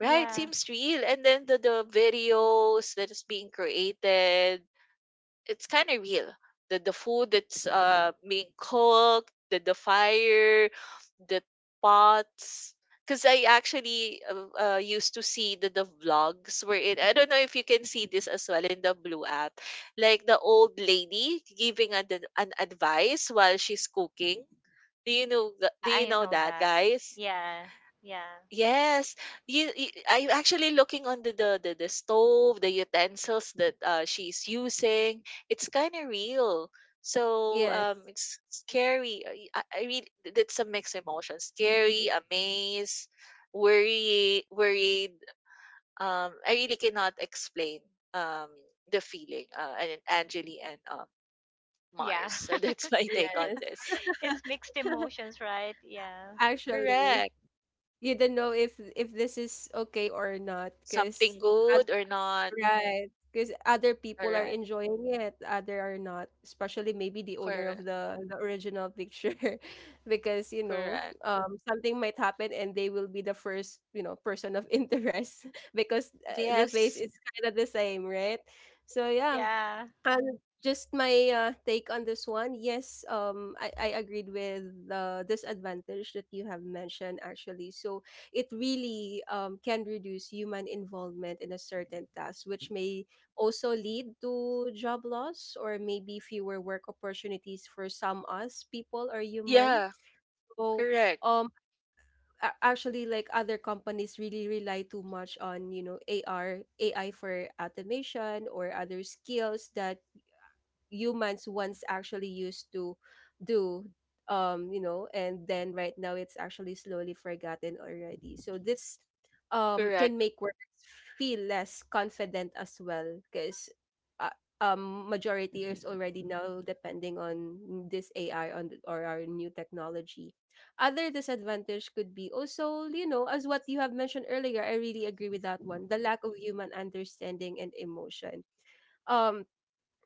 right. Seems real. And then the videos that is being created, it's kind of real. The food that's being cooked, the fire, the pots. Because I actually used to see the vlogs where it. I don't know if you can see this as well in the blue app, like the old lady giving an advice while she's cooking. Do you know? Yeah, Do you I know know that, that. guys? Yeah. Yeah. Yes, you I'm actually looking under the stove, the utensils that she's using. It's kind of real. So Yes, it's scary. I really that's a mixed emotion. Scary, amazed, worried. I really cannot explain um the feeling. And Angeli and <laughs> Yeah. Mars. <laughs> So that's <laughs> my take Yeah. on yes. this. It's <laughs> mixed emotions, right? Yeah. Actually, Correct. you don't know if this is okay or not, because. Something good or not? Right. Because other people are Correct. enjoying it, other are not. Especially maybe the owner of Correct. The original picture, <laughs> because you know, Correct. Something might happen and they will be the first, you know, person of interest <laughs> because the face Yes. is kind of the same, right? So yeah, Yeah. and just my take on this one. Yes, I agreed with the disadvantage that you have mentioned actually. So it really can reduce human involvement in a certain task, which may also lead to job loss or maybe fewer work opportunities for some us people or human. Yeah. So Correct. um, actually, like other companies really rely too much on, you know, AR AI for automation or other skills that humans once actually used to do, and then right now it's actually slowly forgotten already. So this can Correct. make workers feel less confident as well, because uh, majority is already now depending on this AI on or our new technology. Other disadvantage could be also, you know, as what you have mentioned earlier, I really agree with that one, the lack of human understanding and emotion. um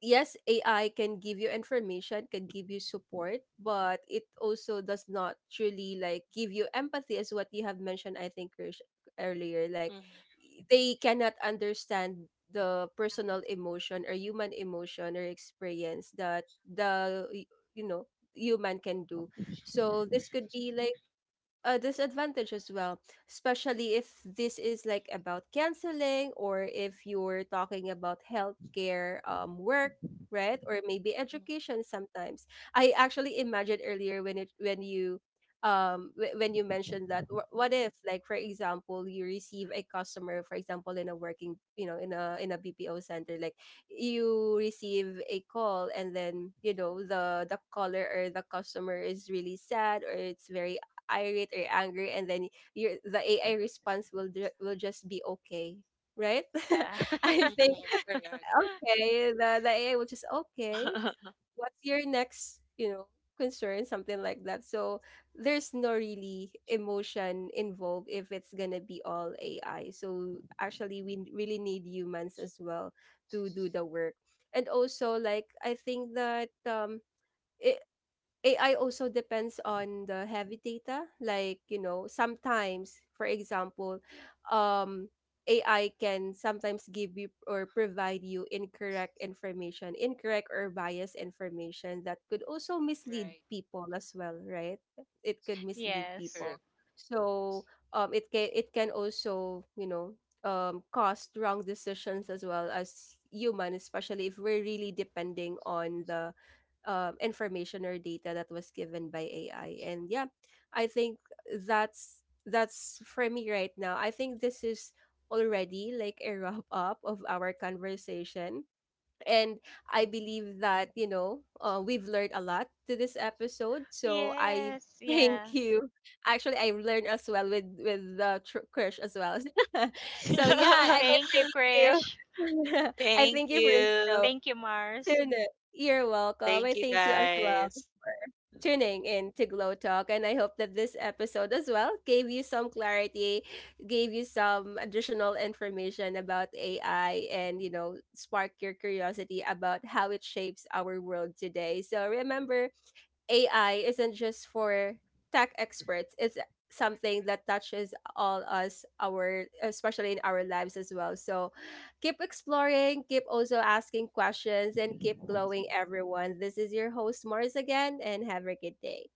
yes, AI can give you information, can give you support, but it also does not truly like give you empathy, as what you have mentioned, I think, Krish, earlier. Like Mm-hmm. they cannot understand the personal emotion or human emotion or experience that the you know human can do. So this could be like a disadvantage as well, especially if this is like about canceling, or if you're talking about healthcare work, right? Or maybe education sometimes. I actually imagined earlier when it when you wh- when you mentioned that, what if like, for example, you receive a customer, for example, in a working, you know, in a BPO center, like you receive a call, and then you know the caller or the customer is really sad, or it's very irate or angry, and then your the AI response will will just be okay, right? Yeah. <laughs> I think Mm-hmm. Correct. <laughs> okay, the AI will just okay. <laughs> What's your next, you know, concern, something like that. So there's no really emotion involved if it's gonna be all AI. So actually, we really need humans as well to do the work. And also, like I think that it, AI also depends on the heavy data. Like, you know, sometimes, for example, um, AI can sometimes give you or provide you incorrect information, incorrect or biased information that could also mislead Right. people as well, right? It could mislead Yes. people. Correct. So it can, it can also, you know, cause wrong decisions as well as human, especially if we're really depending on the information or data that was given by AI. And yeah, I think that's for me right now. I think this is already like a wrap up of our conversation. And I Hmm. believe that, you know, we've learned a lot to this episode. So I Yes. <laughs> Yeah. thank you. Actually, I learned as well with the crush as well. <laughs> So yeah, I Thank <laughs> thank you, you. Krish. <laughs> I Thank thank you for, you you. know, Thank you, Mars. tune in. You're welcome. I Thank you, thank you as well guys. tuning in to Glow Talk. And I hope that this episode as well gave you some clarity, gave you some additional information about AI, and, you know, spark your curiosity about how it shapes our world today. So remember, AI isn't just for tech experts. It's something that touches all us our, especially in our lives as well. So keep exploring, keep also asking questions, and keep glowing, everyone. This is your host Mars again, and have a good day.